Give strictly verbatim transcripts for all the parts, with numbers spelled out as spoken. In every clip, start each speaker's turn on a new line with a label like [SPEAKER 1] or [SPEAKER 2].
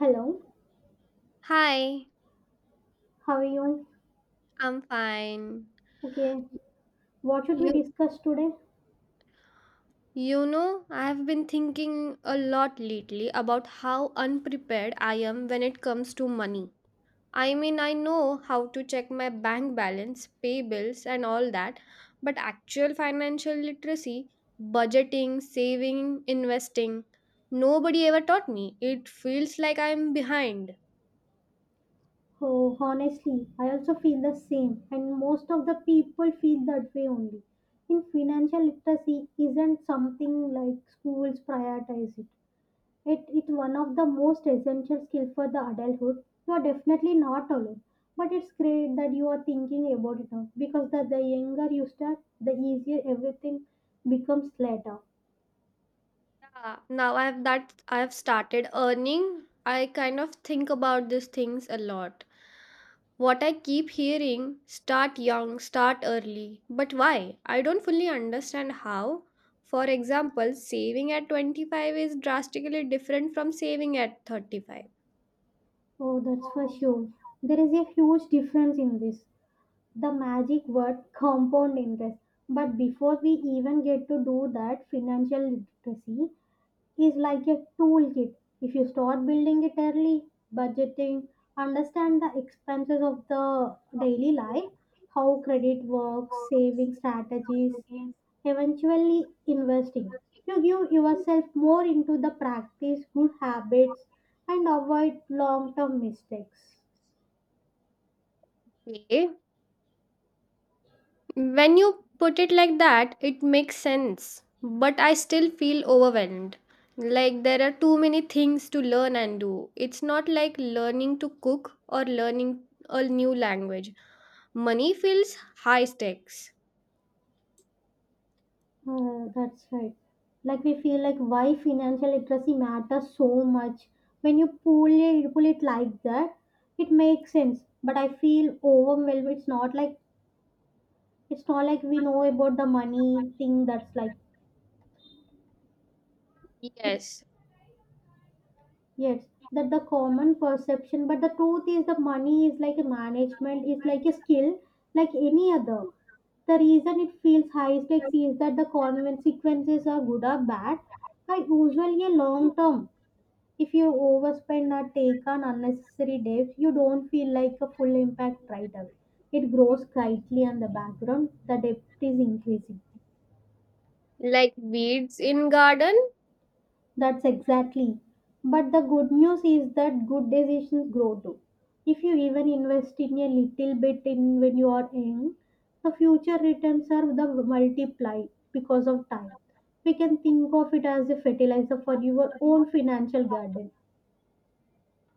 [SPEAKER 1] Hello,
[SPEAKER 2] Hi,
[SPEAKER 1] how are you?
[SPEAKER 2] I'm fine.
[SPEAKER 1] Okay, what should we
[SPEAKER 2] You
[SPEAKER 1] discuss today?
[SPEAKER 2] you know, I've been thinking a lot lately about how unprepared I am when it comes to money. I mean, I know how to check my bank balance, pay bills and all that, but actual financial literacy, budgeting, saving, investing, nobody ever taught me. It feels like I'm behind.
[SPEAKER 1] Oh, honestly, I also feel the same, and most of the people feel that way only. In financial literacy isn't something like schools prioritize it. it. It's one of the most essential skill for the adulthood. You are definitely not alone, but it's great that you are thinking about it now because the, the younger you start, the easier everything becomes later.
[SPEAKER 2] Yeah, now I have that I have started earning. I kind of think about these things a lot. What I keep hearing: start young, start early. But why? I don't fully understand how. For example, saving at twenty-five is drastically different from saving at thirty-five.
[SPEAKER 1] Oh, that's for sure. There is a huge difference in this. The magic word compound interest. But before we even get to do that, financial literacy is like a toolkit. If you start building it early, budgeting, understand the expenses of the daily life, how credit works, saving strategies, eventually investing. You give yourself more into the practice good habits and avoid long term mistakes.
[SPEAKER 2] Okay. When you put it like that, it makes sense. But I still feel overwhelmed. Like there are too many things to learn and do. It's not like learning to cook or learning a new language. Money feels high stakes.
[SPEAKER 1] Uh, that's right. Like we feel like why financial literacy matters so much. When you pull it, pull it like that, it makes sense. But I feel overwhelmed. It's not like it's not like we know about the money thing. That's like it's
[SPEAKER 2] Yes.
[SPEAKER 1] yes that the common perception. But the truth is the money is like a management. It's like a skill, like any other. The reason it feels high stakes is that the consequences are good or bad are usually a long term. If you overspend or take on unnecessary debt, you don't feel like a full impact right away. It grows quietly on the background, the debt is increasing.
[SPEAKER 2] Like weeds in garden?
[SPEAKER 1] That's exactly. But the good news is that good decisions grow too. If you even invest in a little bit in when you are young, the future returns are the multiplied because of time. We can think of it as a fertilizer for your own financial garden.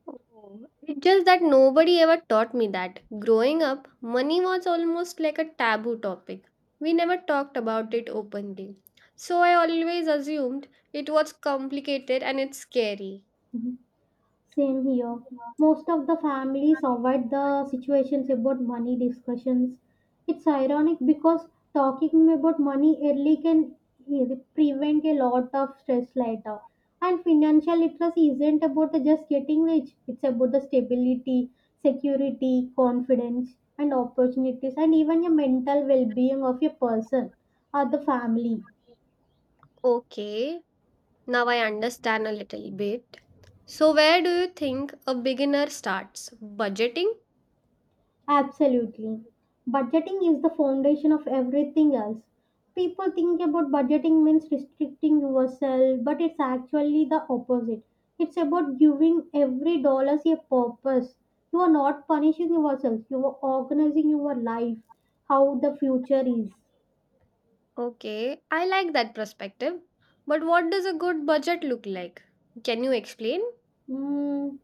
[SPEAKER 2] Oh, it's just that nobody ever taught me that. Growing up, money was almost like a taboo topic. We never talked about it openly. So I always assumed it was complicated and it's scary.
[SPEAKER 1] Same here. Most of the families avoid the situations about money discussions. It's ironic because talking about money early can eh, prevent a lot of stress later. And financial literacy isn't about the just getting rich, it's about the stability, security, confidence, and opportunities, and even the mental well being of a person or the family.
[SPEAKER 2] Okay, now I understand a little bit. So, where do you think a beginner starts? Budgeting?
[SPEAKER 1] Absolutely. Budgeting is the foundation of everything else. People think about budgeting means restricting yourself, but it's actually the opposite. It's about giving every dollar a purpose. You are not punishing yourself, you are organizing your life, how the future is.
[SPEAKER 2] Okay, I like that perspective. But what does a good budget look like? Can you explain?
[SPEAKER 1] Mm,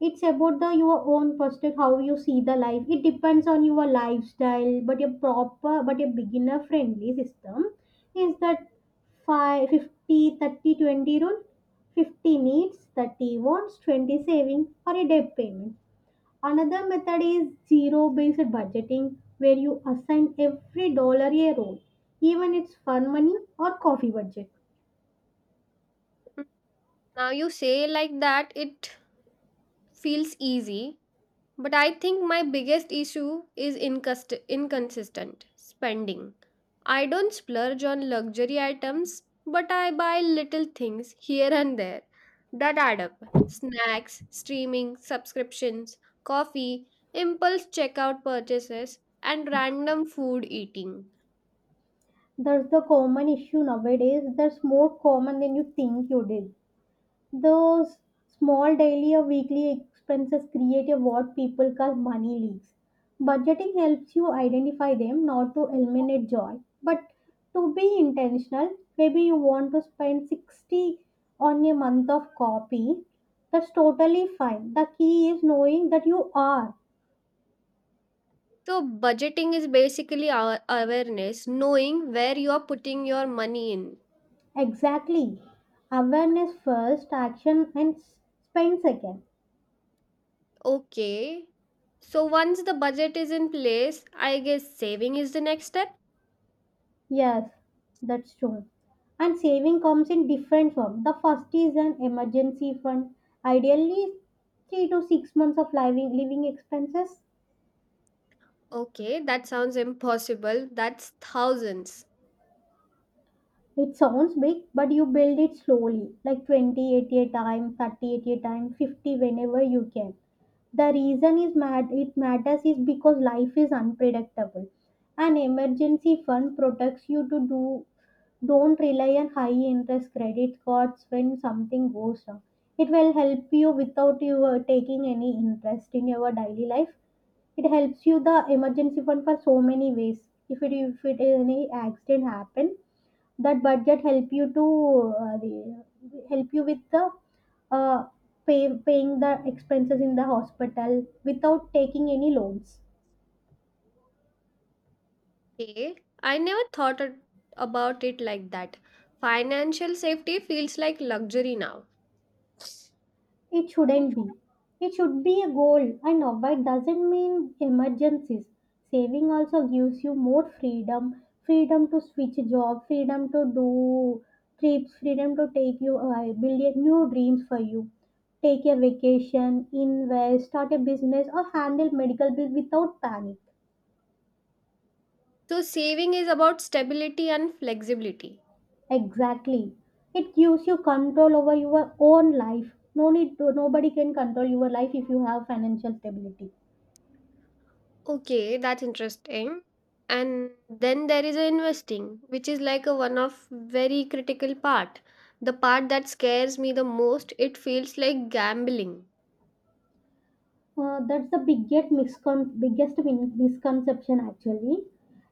[SPEAKER 1] it's about the your own perspective how you see the life. It depends on your lifestyle, but a proper but a beginner friendly system is that five fifty thirty twenty rule. fifty needs, thirty wants, twenty saving or a debt payment. Another method is zero based budgeting where you assign every dollar a role, even it's fun money or coffee budget.
[SPEAKER 2] Mm, Now you say like that, it feels easy. But I think my biggest issue is incust- inconsistent spending. I don't splurge on luxury items, but I buy little things here and there that add up: snacks, streaming, subscriptions, coffee, impulse checkout purchases, and random food eating.
[SPEAKER 1] That's the common issue nowadays. That's more common than you think you did. Those small daily or weekly expenses create a what people call money leaks. Budgeting helps you identify them, not to eliminate joy, but to be intentional. Maybe you want to spend sixty on a month of coffee. That's totally fine. The key is knowing that you are
[SPEAKER 2] So, budgeting is basically our awareness, knowing where you're putting your money in.
[SPEAKER 1] exactly. Awareness first, action and s- spend second.
[SPEAKER 2] Okay. So, once the budget is in place, I guess saving is the next step.
[SPEAKER 1] Yes, that's true. And saving comes in different form. The first is an emergency fund, ideally three to six months of living living expenses.
[SPEAKER 2] Okay, that sounds impossible. That's thousands.
[SPEAKER 1] It sounds big, but you build it slowly, like twenty at a time, thirty at a time, fifty whenever you can. The reason is mad it matters is because life is unpredictable. An emergency fund protects you to do don't rely on high interest credit cards when something goes wrong. It will help you without you uh, taking any interest in your daily life. It helps you the emergency fund for so many ways. If it if it any accident happen, that budget help you to uh, the- help you with the uh, pay, paying the expenses in the hospital without taking any loans.
[SPEAKER 2] Okay. I never thought it- about it like that. Financial safety feels like luxury now.
[SPEAKER 1] It shouldn't be. It should be a goal and avoid doesn't mean emergencies. Saving also gives you more freedom, freedom to switch job, freedom to do trips, freedom to take you uh, build a new dreams for you, take a vacation, invest, start a business, or handle medical bills without panic.
[SPEAKER 2] So, saving is about stability and flexibility.
[SPEAKER 1] Exactly. It gives you control over your own life. No need to, nobody can control your life if you have financial stability.
[SPEAKER 2] Okay, that's interesting. And then there is a investing, which is like a one of very critical part. The part that scares me the most, it feels like gambling.
[SPEAKER 1] Uh, that's the biggest, miscon- biggest min- misconception actually.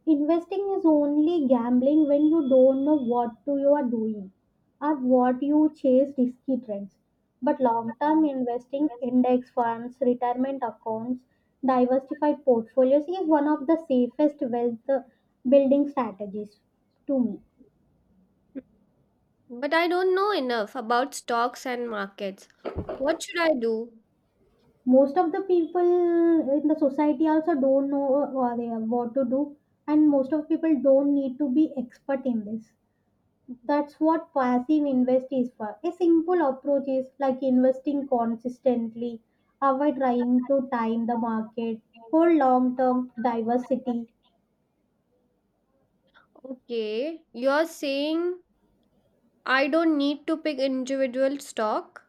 [SPEAKER 1] Investing is only gambling when you don't know what to you are doing or what you chase risky trends. But long term investing, index funds, retirement accounts, diversified portfolios is one of the safest wealth uh, building strategies to me.
[SPEAKER 2] But I don't know enough about stocks and markets. What should I do?
[SPEAKER 1] Most of the people in the society also don't know what they have- what to do, and most of people don't need to be expert in this. That's what passive invest is for. A simple approach is like investing consistently, avoid trying to time the market, hold long term diversity.
[SPEAKER 2] Okay, you're saying I don't need to pick individual stock,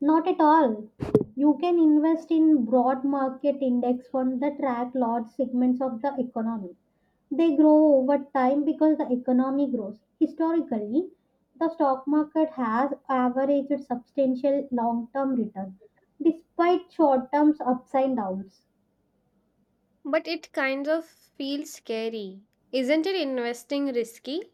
[SPEAKER 1] Not at all. You can invest in broad market index funds that track large segments of the economy. They grow over time because the economy grows. Historically, the stock market has averaged substantial long term return despite short term ups and downs.
[SPEAKER 2] but it kind of feels scary. Isn't it investing risky?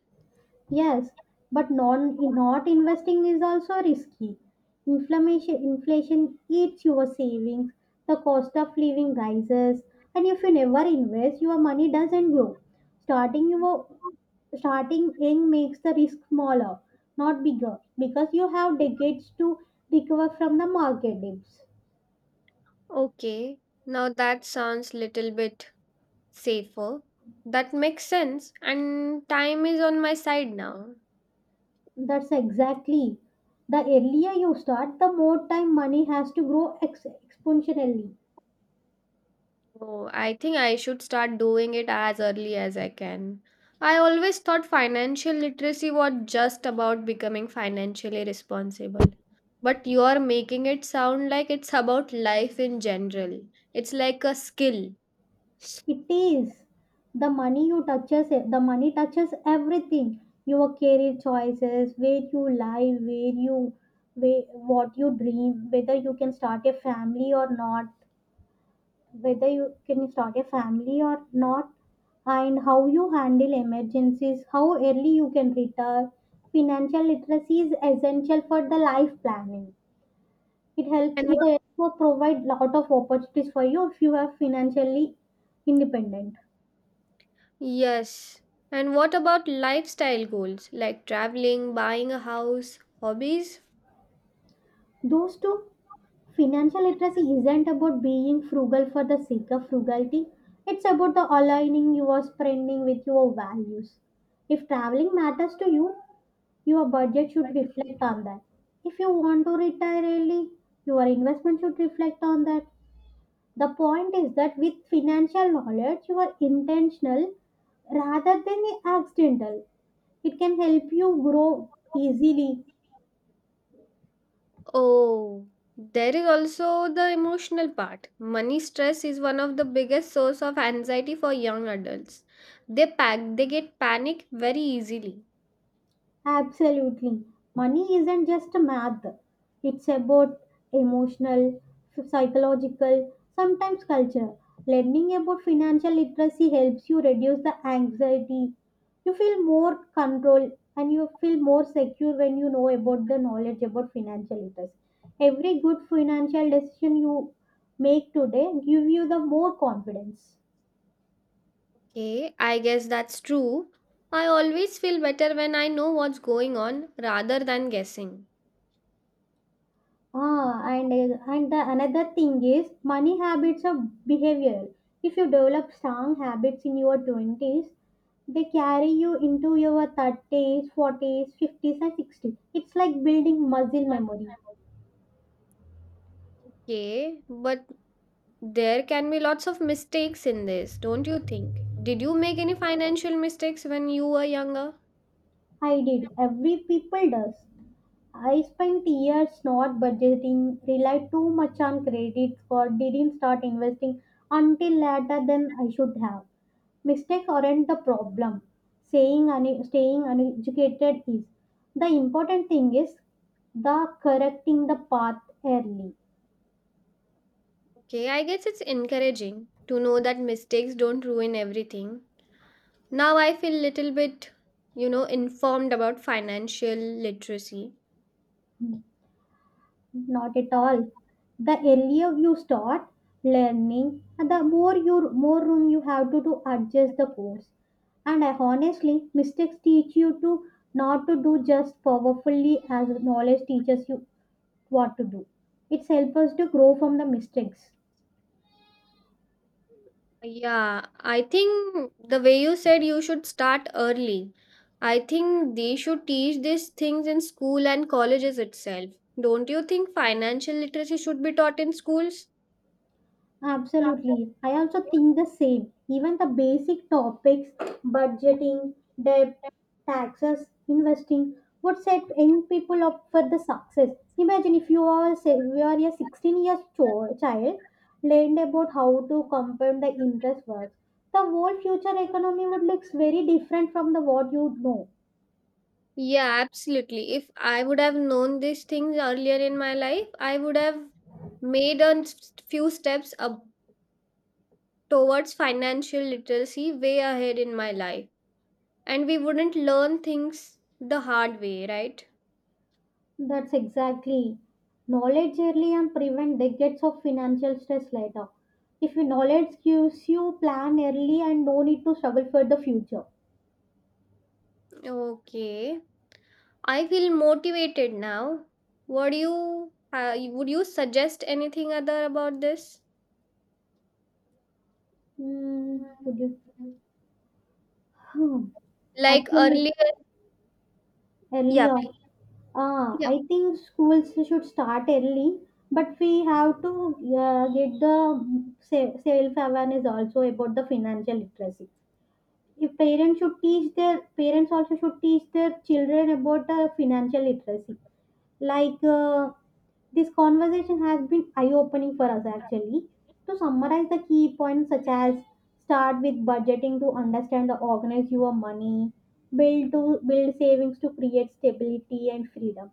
[SPEAKER 1] Yes, but non, not investing is also risky. Inflammation, inflation eats your savings, the cost of living rises, and if you never invest, your money doesn't grow. Starting your Starting young makes the risk smaller, not bigger, because you have decades to recover from the market dips.
[SPEAKER 2] Okay, now that sounds little bit safer. That makes sense, and time is on my side now.
[SPEAKER 1] That's exactly. The earlier you start, the more time money has to grow ex- exponentially.
[SPEAKER 2] Oh, I think I should start doing it as early as I can. I always thought financial literacy was just about becoming financially responsible. But you are making it sound like it's about life in general. It's like a skill.
[SPEAKER 1] It is. The money you touches, e- the money touches everything. Your career choices, where you live, where you, where, what you dream, whether you can start a family or not, whether you can start a family or not, and how you handle emergencies, how early you can retire. Financial literacy is essential for the life planning. It helps.
[SPEAKER 2] And
[SPEAKER 1] It
[SPEAKER 2] what?
[SPEAKER 1] helps to provide lot of opportunities for you if you are financially independent.
[SPEAKER 2] Yes. And what about lifestyle goals like traveling, buying a house, hobbies?
[SPEAKER 1] Those two, financial literacy isn't about being frugal for the sake of frugality. It's about the aligning your spending with your values. If traveling matters to you, your budget should reflect on that. If you want to retire early, your investment should reflect on that. The point is that with financial knowledge, you are intentional rather than accidental. It can help you grow easily.
[SPEAKER 2] Oh, there is also the emotional part. Money stress is one of the biggest source of anxiety for young adults. They pack, they get panic very easily.
[SPEAKER 1] Absolutely. Money isn't just a math, it's about emotional, psychological, sometimes cultural. Learning about financial literacy helps you reduce the anxiety. You feel more control and you feel more secure when you know about the knowledge about financial literacy. Every good financial decision you make today give you the more confidence.
[SPEAKER 2] Okay, I guess that's true. I always feel better when I know what's going on rather than guessing.
[SPEAKER 1] Ah, and and the another thing is money habits of behavior. If you develop strong habits in your twenties, they carry you into your thirties, forties, fifties, and sixties. It's like building muscle memory.
[SPEAKER 2] Okay, but there can be lots of mistakes in this, don't you think? Did you make any financial mistakes when you were younger?
[SPEAKER 1] I did. Every people does. I spent years not budgeting, relied too much on credit card, didn't start investing until later than I should have. Mistakes aren't the problem. Saying un- staying uneducated is. The important thing is the correcting the path early.
[SPEAKER 2] Okay, I guess it's encouraging to know that mistakes don't ruin everything. Now I feel little bit, you know, informed about financial literacy.
[SPEAKER 1] Not at all. The earlier you start learning, the more you more room you have to, to adjust the course. And I honestly, mistakes teach you to not to do just powerfully as knowledge teaches you what to do. It helps us to grow from the mistakes.
[SPEAKER 2] Yeah, I think the way you said you should start early. I think they should teach these things in school and colleges itself. Don't you think financial literacy should be taught in schools?
[SPEAKER 1] Absolutely. I also think the same. Even the basic topics, budgeting, debt, taxes, investing, would set young people up for the success. Imagine if you are, say, you are a sixteen years cho- child, learned about how to compound the interest works. The whole future economy would look very different from the what you know.
[SPEAKER 2] Yeah, absolutely. If I would have known these things earlier in my life, I would have made a s- few steps up towards financial literacy way ahead in my life. And we wouldn't learn things the hard way, right?
[SPEAKER 1] That's exactly. Knowledge early and prevent decades of financial stress later. If your knowledge gives you plan early and no need to struggle for the future.
[SPEAKER 2] Okay. I feel motivated now. Would you uh, would you suggest anything other about this?
[SPEAKER 1] Hmm, would you? Hmm.
[SPEAKER 2] Like
[SPEAKER 1] Actually,
[SPEAKER 2] earlier, yeah.
[SPEAKER 1] earlier.
[SPEAKER 2] Please.
[SPEAKER 1] Ah, I think schools should start early, but we have to uh, get the self awareness also about the financial literacy. If parents should teach their parents also should teach their children about uh, financial literacy. Like, uh, this conversation has been eye opening for us actually. To summarize the key points, such as start with budgeting to understand or organize your money, build to build savings to create stability and freedom.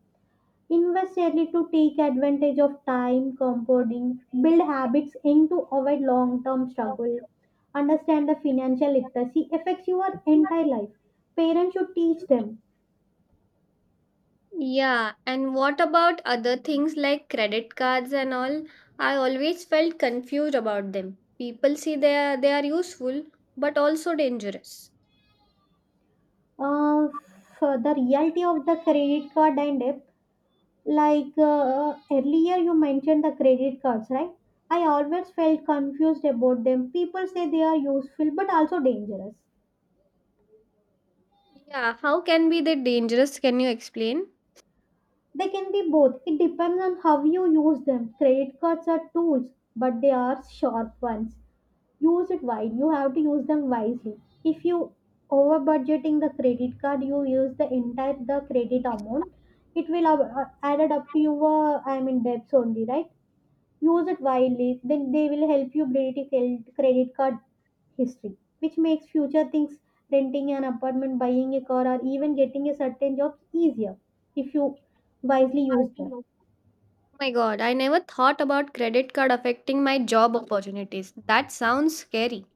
[SPEAKER 1] Invest early to take advantage of time, compounding, build habits aimed to avoid long term struggle, understand the financial literacy affects your entire life. Parents should teach them.
[SPEAKER 2] Yeah, and what about other things like credit cards and all? I always felt confused about them. People say they are, they are useful but also dangerous.
[SPEAKER 1] Uh, for the reality of the credit card and debt, like uh, earlier you mentioned the credit cards, right? I always felt confused about them. People say they are useful but also dangerous.
[SPEAKER 2] Yeah, how can be they dangerous? Can you explain?
[SPEAKER 1] They can be both. It depends on how you use them. Credit cards are tools, but they are sharp ones. Use it wise, you have to use them wisely. If you over budgeting the credit card, you use the entire the credit amount, it will ab- uh, added up to your, i mean debts only, right? Use it wisely, then they will help you build a cre- credit card history which makes future things, renting an apartment, buying a car, or even getting a certain job easier if you wisely use them.
[SPEAKER 2] Oh my god, I never thought about credit card affecting my job opportunities. That sounds scary.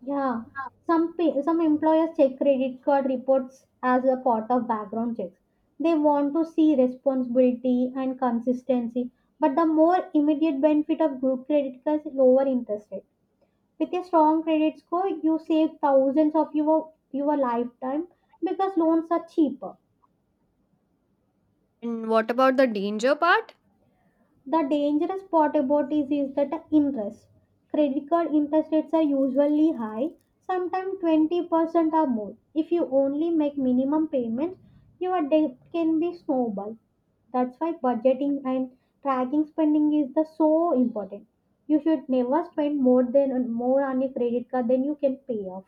[SPEAKER 1] Yeah, some pa- some employers check credit card reports as a part of background checks. They want to see responsibility and consistency, but the more immediate benefit of group credit cards is lower interest rate. With a strong credit score, you save thousands of your your lifetime because loans are cheaper.
[SPEAKER 2] And what about the danger part?
[SPEAKER 1] The dangerous part about this is that the interest. Credit card interest rates are usually high, sometimes twenty percent or more. If you only make minimum payments, your debt can be snowballed. That's why budgeting and tracking spending is the so important. You should never spend more than more on your credit card than you can pay off.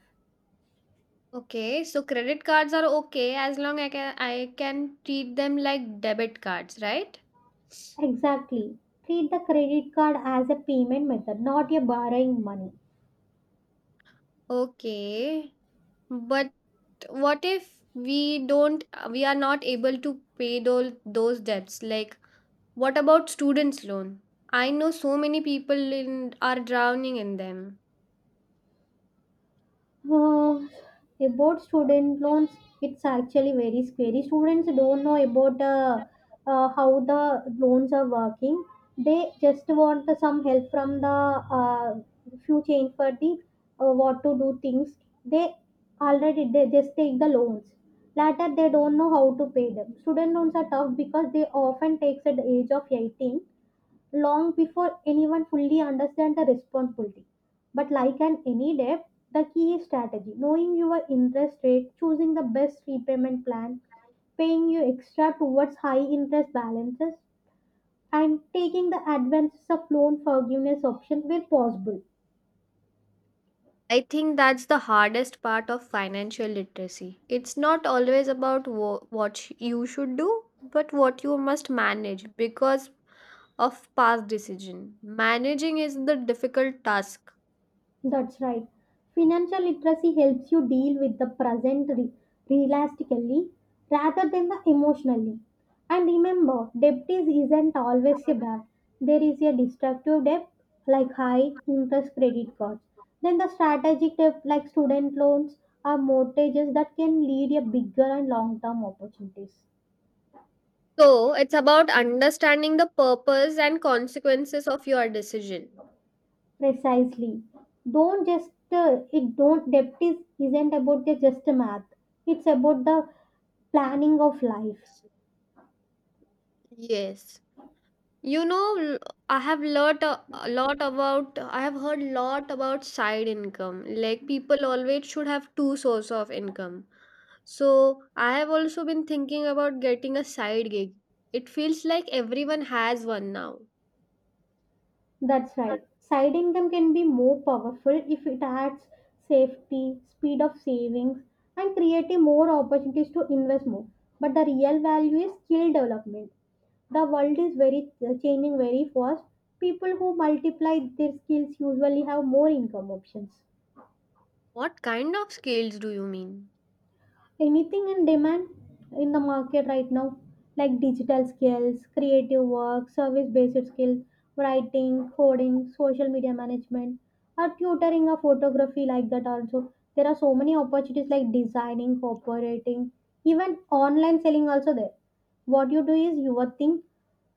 [SPEAKER 2] Okay, so credit cards are okay as long I can I can treat them like debit cards, right?
[SPEAKER 1] Exactly. Treat the credit card as a payment method, not a borrowing money.
[SPEAKER 2] Okay. But what if we don't we are not able to pay those those debts, like what about students loan? I know so many people in are drowning in them.
[SPEAKER 1] Uh, about student loans, it's actually very scary. Students don't know about uh, uh, how the loans are working. They just want the- some help from the uh, few change for the uh, what to do things. They already they just take the loans. Later, they don't know how to pay them. Student loans are tough because they often takes at the age of eighteen, long before anyone fully understands the responsibility. But like an any debt, the key is strategy. Knowing your interest rate, choosing the best repayment plan, paying you extra towards high interest balances, and taking the advantage of loan forgiveness option where possible.
[SPEAKER 2] I think that's the hardest part of financial literacy. It's not always about wo- what sh- you should do, but what you must manage, because of past decision managing is the difficult task.
[SPEAKER 1] That's right. Financial literacy helps you deal with the present re- realistically rather than the emotionally. And remember, debt is isn't always a bad. There is a destructive debt like high interest credit cards. Then the strategic debt like student loans or mortgages that can lead a bigger and long-term opportunities.
[SPEAKER 2] So it's about understanding the purpose and consequences of your decision.
[SPEAKER 1] Precisely. Don't just uh, it don't debt is isn't about the just math. It's about the planning of life.
[SPEAKER 2] Yes. You know, l- I have lot a a lot about I have heard lot about side income. Like people always should have two source of income. So I have also been thinking about getting a side gig. It feels like everyone has one now.
[SPEAKER 1] That's right. Side income can be more powerful if it adds safety, speed of savings, and creating more opportunities to invest more. But the real value is skill development. The world is very uh, changing very fast. People who multiply their skills usually have more income options.
[SPEAKER 2] What kind of skills do you mean?
[SPEAKER 1] Anything in demand in the market right now, like digital skills, creative work, service based skills, writing, coding, social media management, or tutoring, or photography, like that also there are so many opportunities like designing, operating, even online selling also there. What you do is your thing.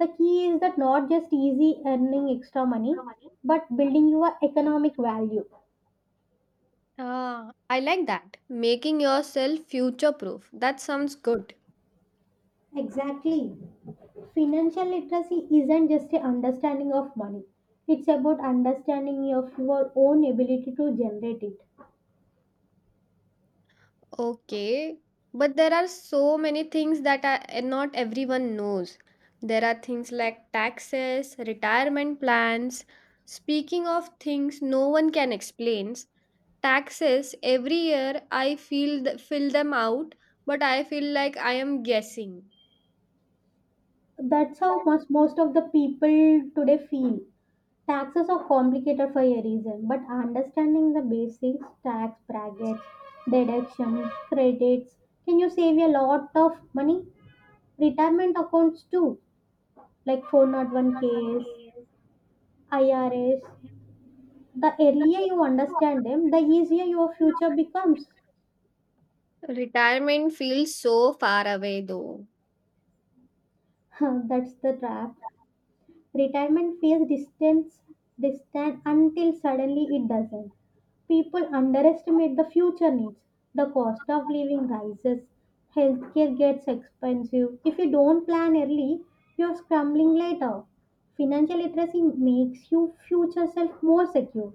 [SPEAKER 1] The key is that not just easy earning extra money, but building your economic value.
[SPEAKER 2] Ah, I like that. Making yourself future proof. That sounds good.
[SPEAKER 1] Exactly. Financial literacy isn't just a understanding of money. It's about understanding of your own ability to generate it.
[SPEAKER 2] Okay, but there are so many things that are not everyone knows. There are things like taxes, retirement plans. Speaking of things no one can explain, taxes every year I feel th- fill them out, but I feel like I am guessing.
[SPEAKER 1] That's how most, most of the people today feel. Taxes are complicated for a reason, but understanding the basics, tax brackets, deductions, credits, can you save a lot of money? Retirement accounts too, like four oh one k s, I R S. The earlier you understand them, the easier your future becomes.
[SPEAKER 2] Retirement feels so far away though.
[SPEAKER 1] That's the trap. Retirement feels distance, distant until suddenly it doesn't. People underestimate the future needs. The cost of living rises. Healthcare gets expensive. If you don't plan early, you're scrambling later. Financial literacy makes your future self more secure,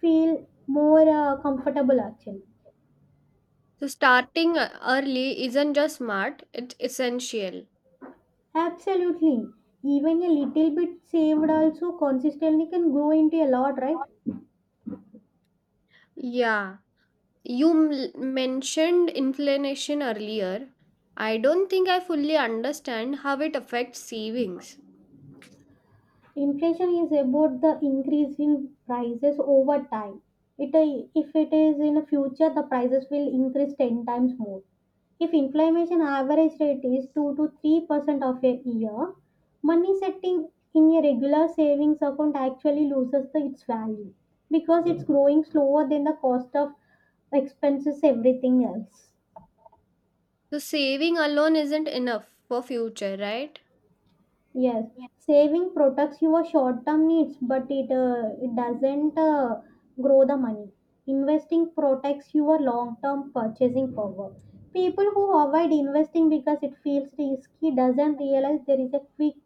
[SPEAKER 1] feel more uh, comfortable actually.
[SPEAKER 2] So starting uh, early isn't just smart, it's essential.
[SPEAKER 1] Absolutely. Even a little bit saved also consistently can grow into a lot, right?
[SPEAKER 2] Yeah. You m- mentioned inflation earlier. I don't think I fully understand how it affects savings.
[SPEAKER 1] Inflation is about the increase in prices over time. It, if it is in future, the prices will increase ten times more. If inflation average rate is two to three percent of a year, money setting in a regular savings account actually loses the, its value because it's growing slower than the cost of expenses, everything else.
[SPEAKER 2] So, saving alone isn't enough for future, right?
[SPEAKER 1] Yes, saving protects your short-term needs, but it uh, it doesn't uh, grow the money. Investing protects your long-term purchasing power. People who avoid investing because it feels risky doesn't realize there is a quick,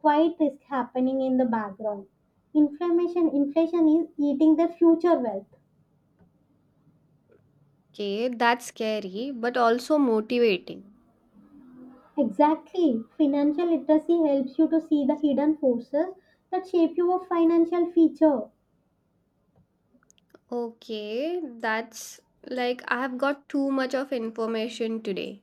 [SPEAKER 1] quiet risk happening in the background. Inflammation, inflation is eating their future wealth.
[SPEAKER 2] Okay, that's scary, but also motivating.
[SPEAKER 1] Exactly. Financial literacy helps you to see the hidden forces that shape your financial future.
[SPEAKER 2] Okay, that's like I have got too much of information today.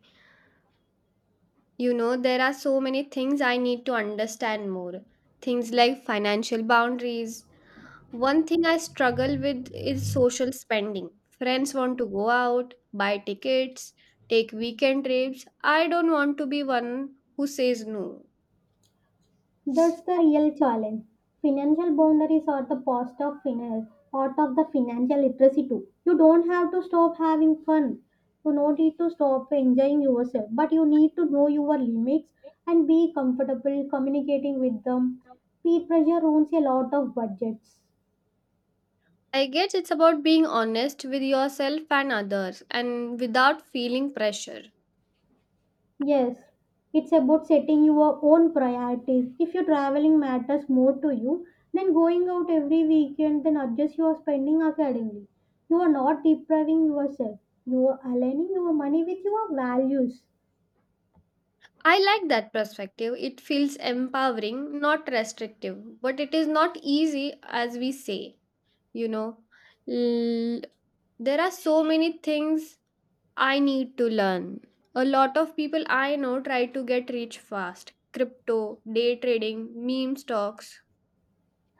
[SPEAKER 2] You know, there are so many things I need to understand more. Things like financial boundaries. One thing I struggle with is social spending. Friends want to go out, buy tickets, take weekend trips. I don't want to be one who says no.
[SPEAKER 1] That's the real challenge. Financial boundaries are the part of finance, part of the financial literacy too. You don't have to stop having fun. You don't need to stop enjoying yourself, but you need to know your limits and be comfortable communicating with them. Peer pressure ruins a lot of budgets.
[SPEAKER 2] I guess it's about being honest with yourself and others and without feeling pressure.
[SPEAKER 1] Yes, it's about setting your own priorities. If your traveling matters more to you, then going out every weekend, then adjust your spending accordingly. You are not depriving yourself, you are aligning your money with your values.
[SPEAKER 2] I like that perspective. It feels empowering, not restrictive, but it is not easy as we say, you know. L- there are so many things I need to learn. A lot of people I know try to get rich fast. Crypto, day trading, meme stocks.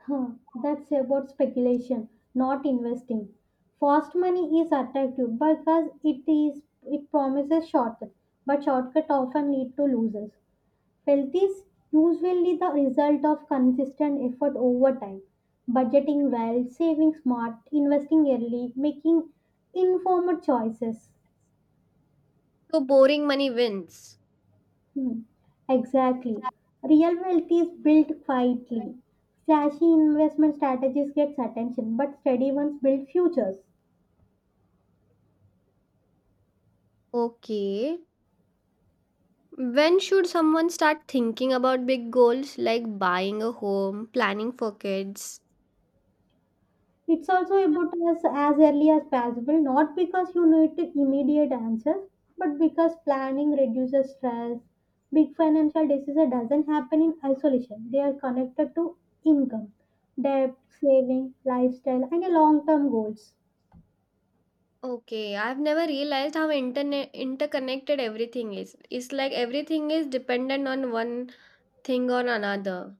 [SPEAKER 1] Huh, that's about speculation, not investing. Fast money is attractive because it is it promises shortcut, but shortcut often lead to losers. Wealth is usually the result of consistent effort over time. Budgeting well, saving smart, investing early, making informed choices.
[SPEAKER 2] So boring money wins.
[SPEAKER 1] Hmm, exactly. Real wealth is built quietly. Flashy investment strategies get attention, but steady ones build futures.
[SPEAKER 2] Okay. When should someone start thinking about big goals like buying a home, planning for kids?
[SPEAKER 1] It's also about as, as early as possible, not because you need to immediate answers, but because planning reduces stress. Big financial decision doesn't happen in isolation. They are connected to income, debt, saving, lifestyle, and long-term goals.
[SPEAKER 2] Okay, I've never realized how internet interconnected everything is. It's like everything is dependent on one thing or another.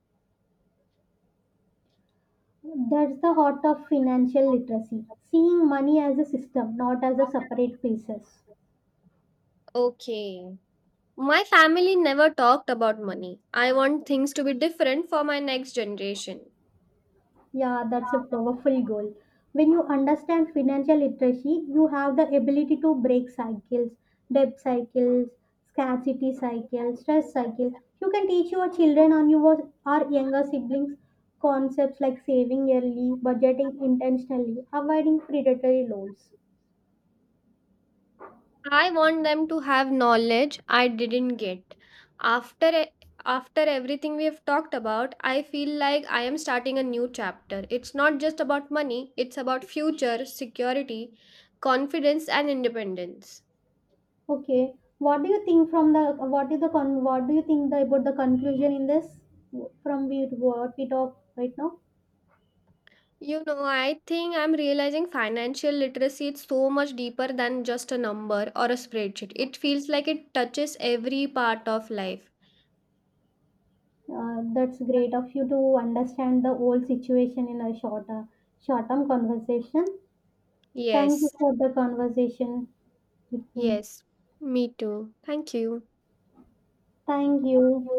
[SPEAKER 1] That's the heart of financial literacy, seeing money as a system, not as a separate pieces.
[SPEAKER 2] Okay. My family never talked about money. I want things to be different for my next generation.
[SPEAKER 1] Yeah, that's a powerful goal. When you understand financial literacy, you have the ability to break cycles, debt cycles, scarcity cycle, stress cycle. You can teach your children or your or younger siblings concepts like saving early, budgeting intentionally, avoiding predatory loans.
[SPEAKER 2] I want them to have knowledge I didn't get. After e- after everything we have talked about, I feel like I am starting a new chapter. It's not just about money, it's about future, security, confidence and independence.
[SPEAKER 1] Okay, what do you think from the what is the con what do you think the, about the conclusion in this from we what we talk right now?
[SPEAKER 2] You know, I think I'm realizing financial literacy is so much deeper than just a number or a spreadsheet. It feels like it touches every part of life.
[SPEAKER 1] Uh, that's great of you to understand the whole situation in a shorter, short-term conversation. Thank you
[SPEAKER 2] Yes,
[SPEAKER 1] for the conversation with me.
[SPEAKER 2] yes, me too. Thank you.
[SPEAKER 1] Thank you.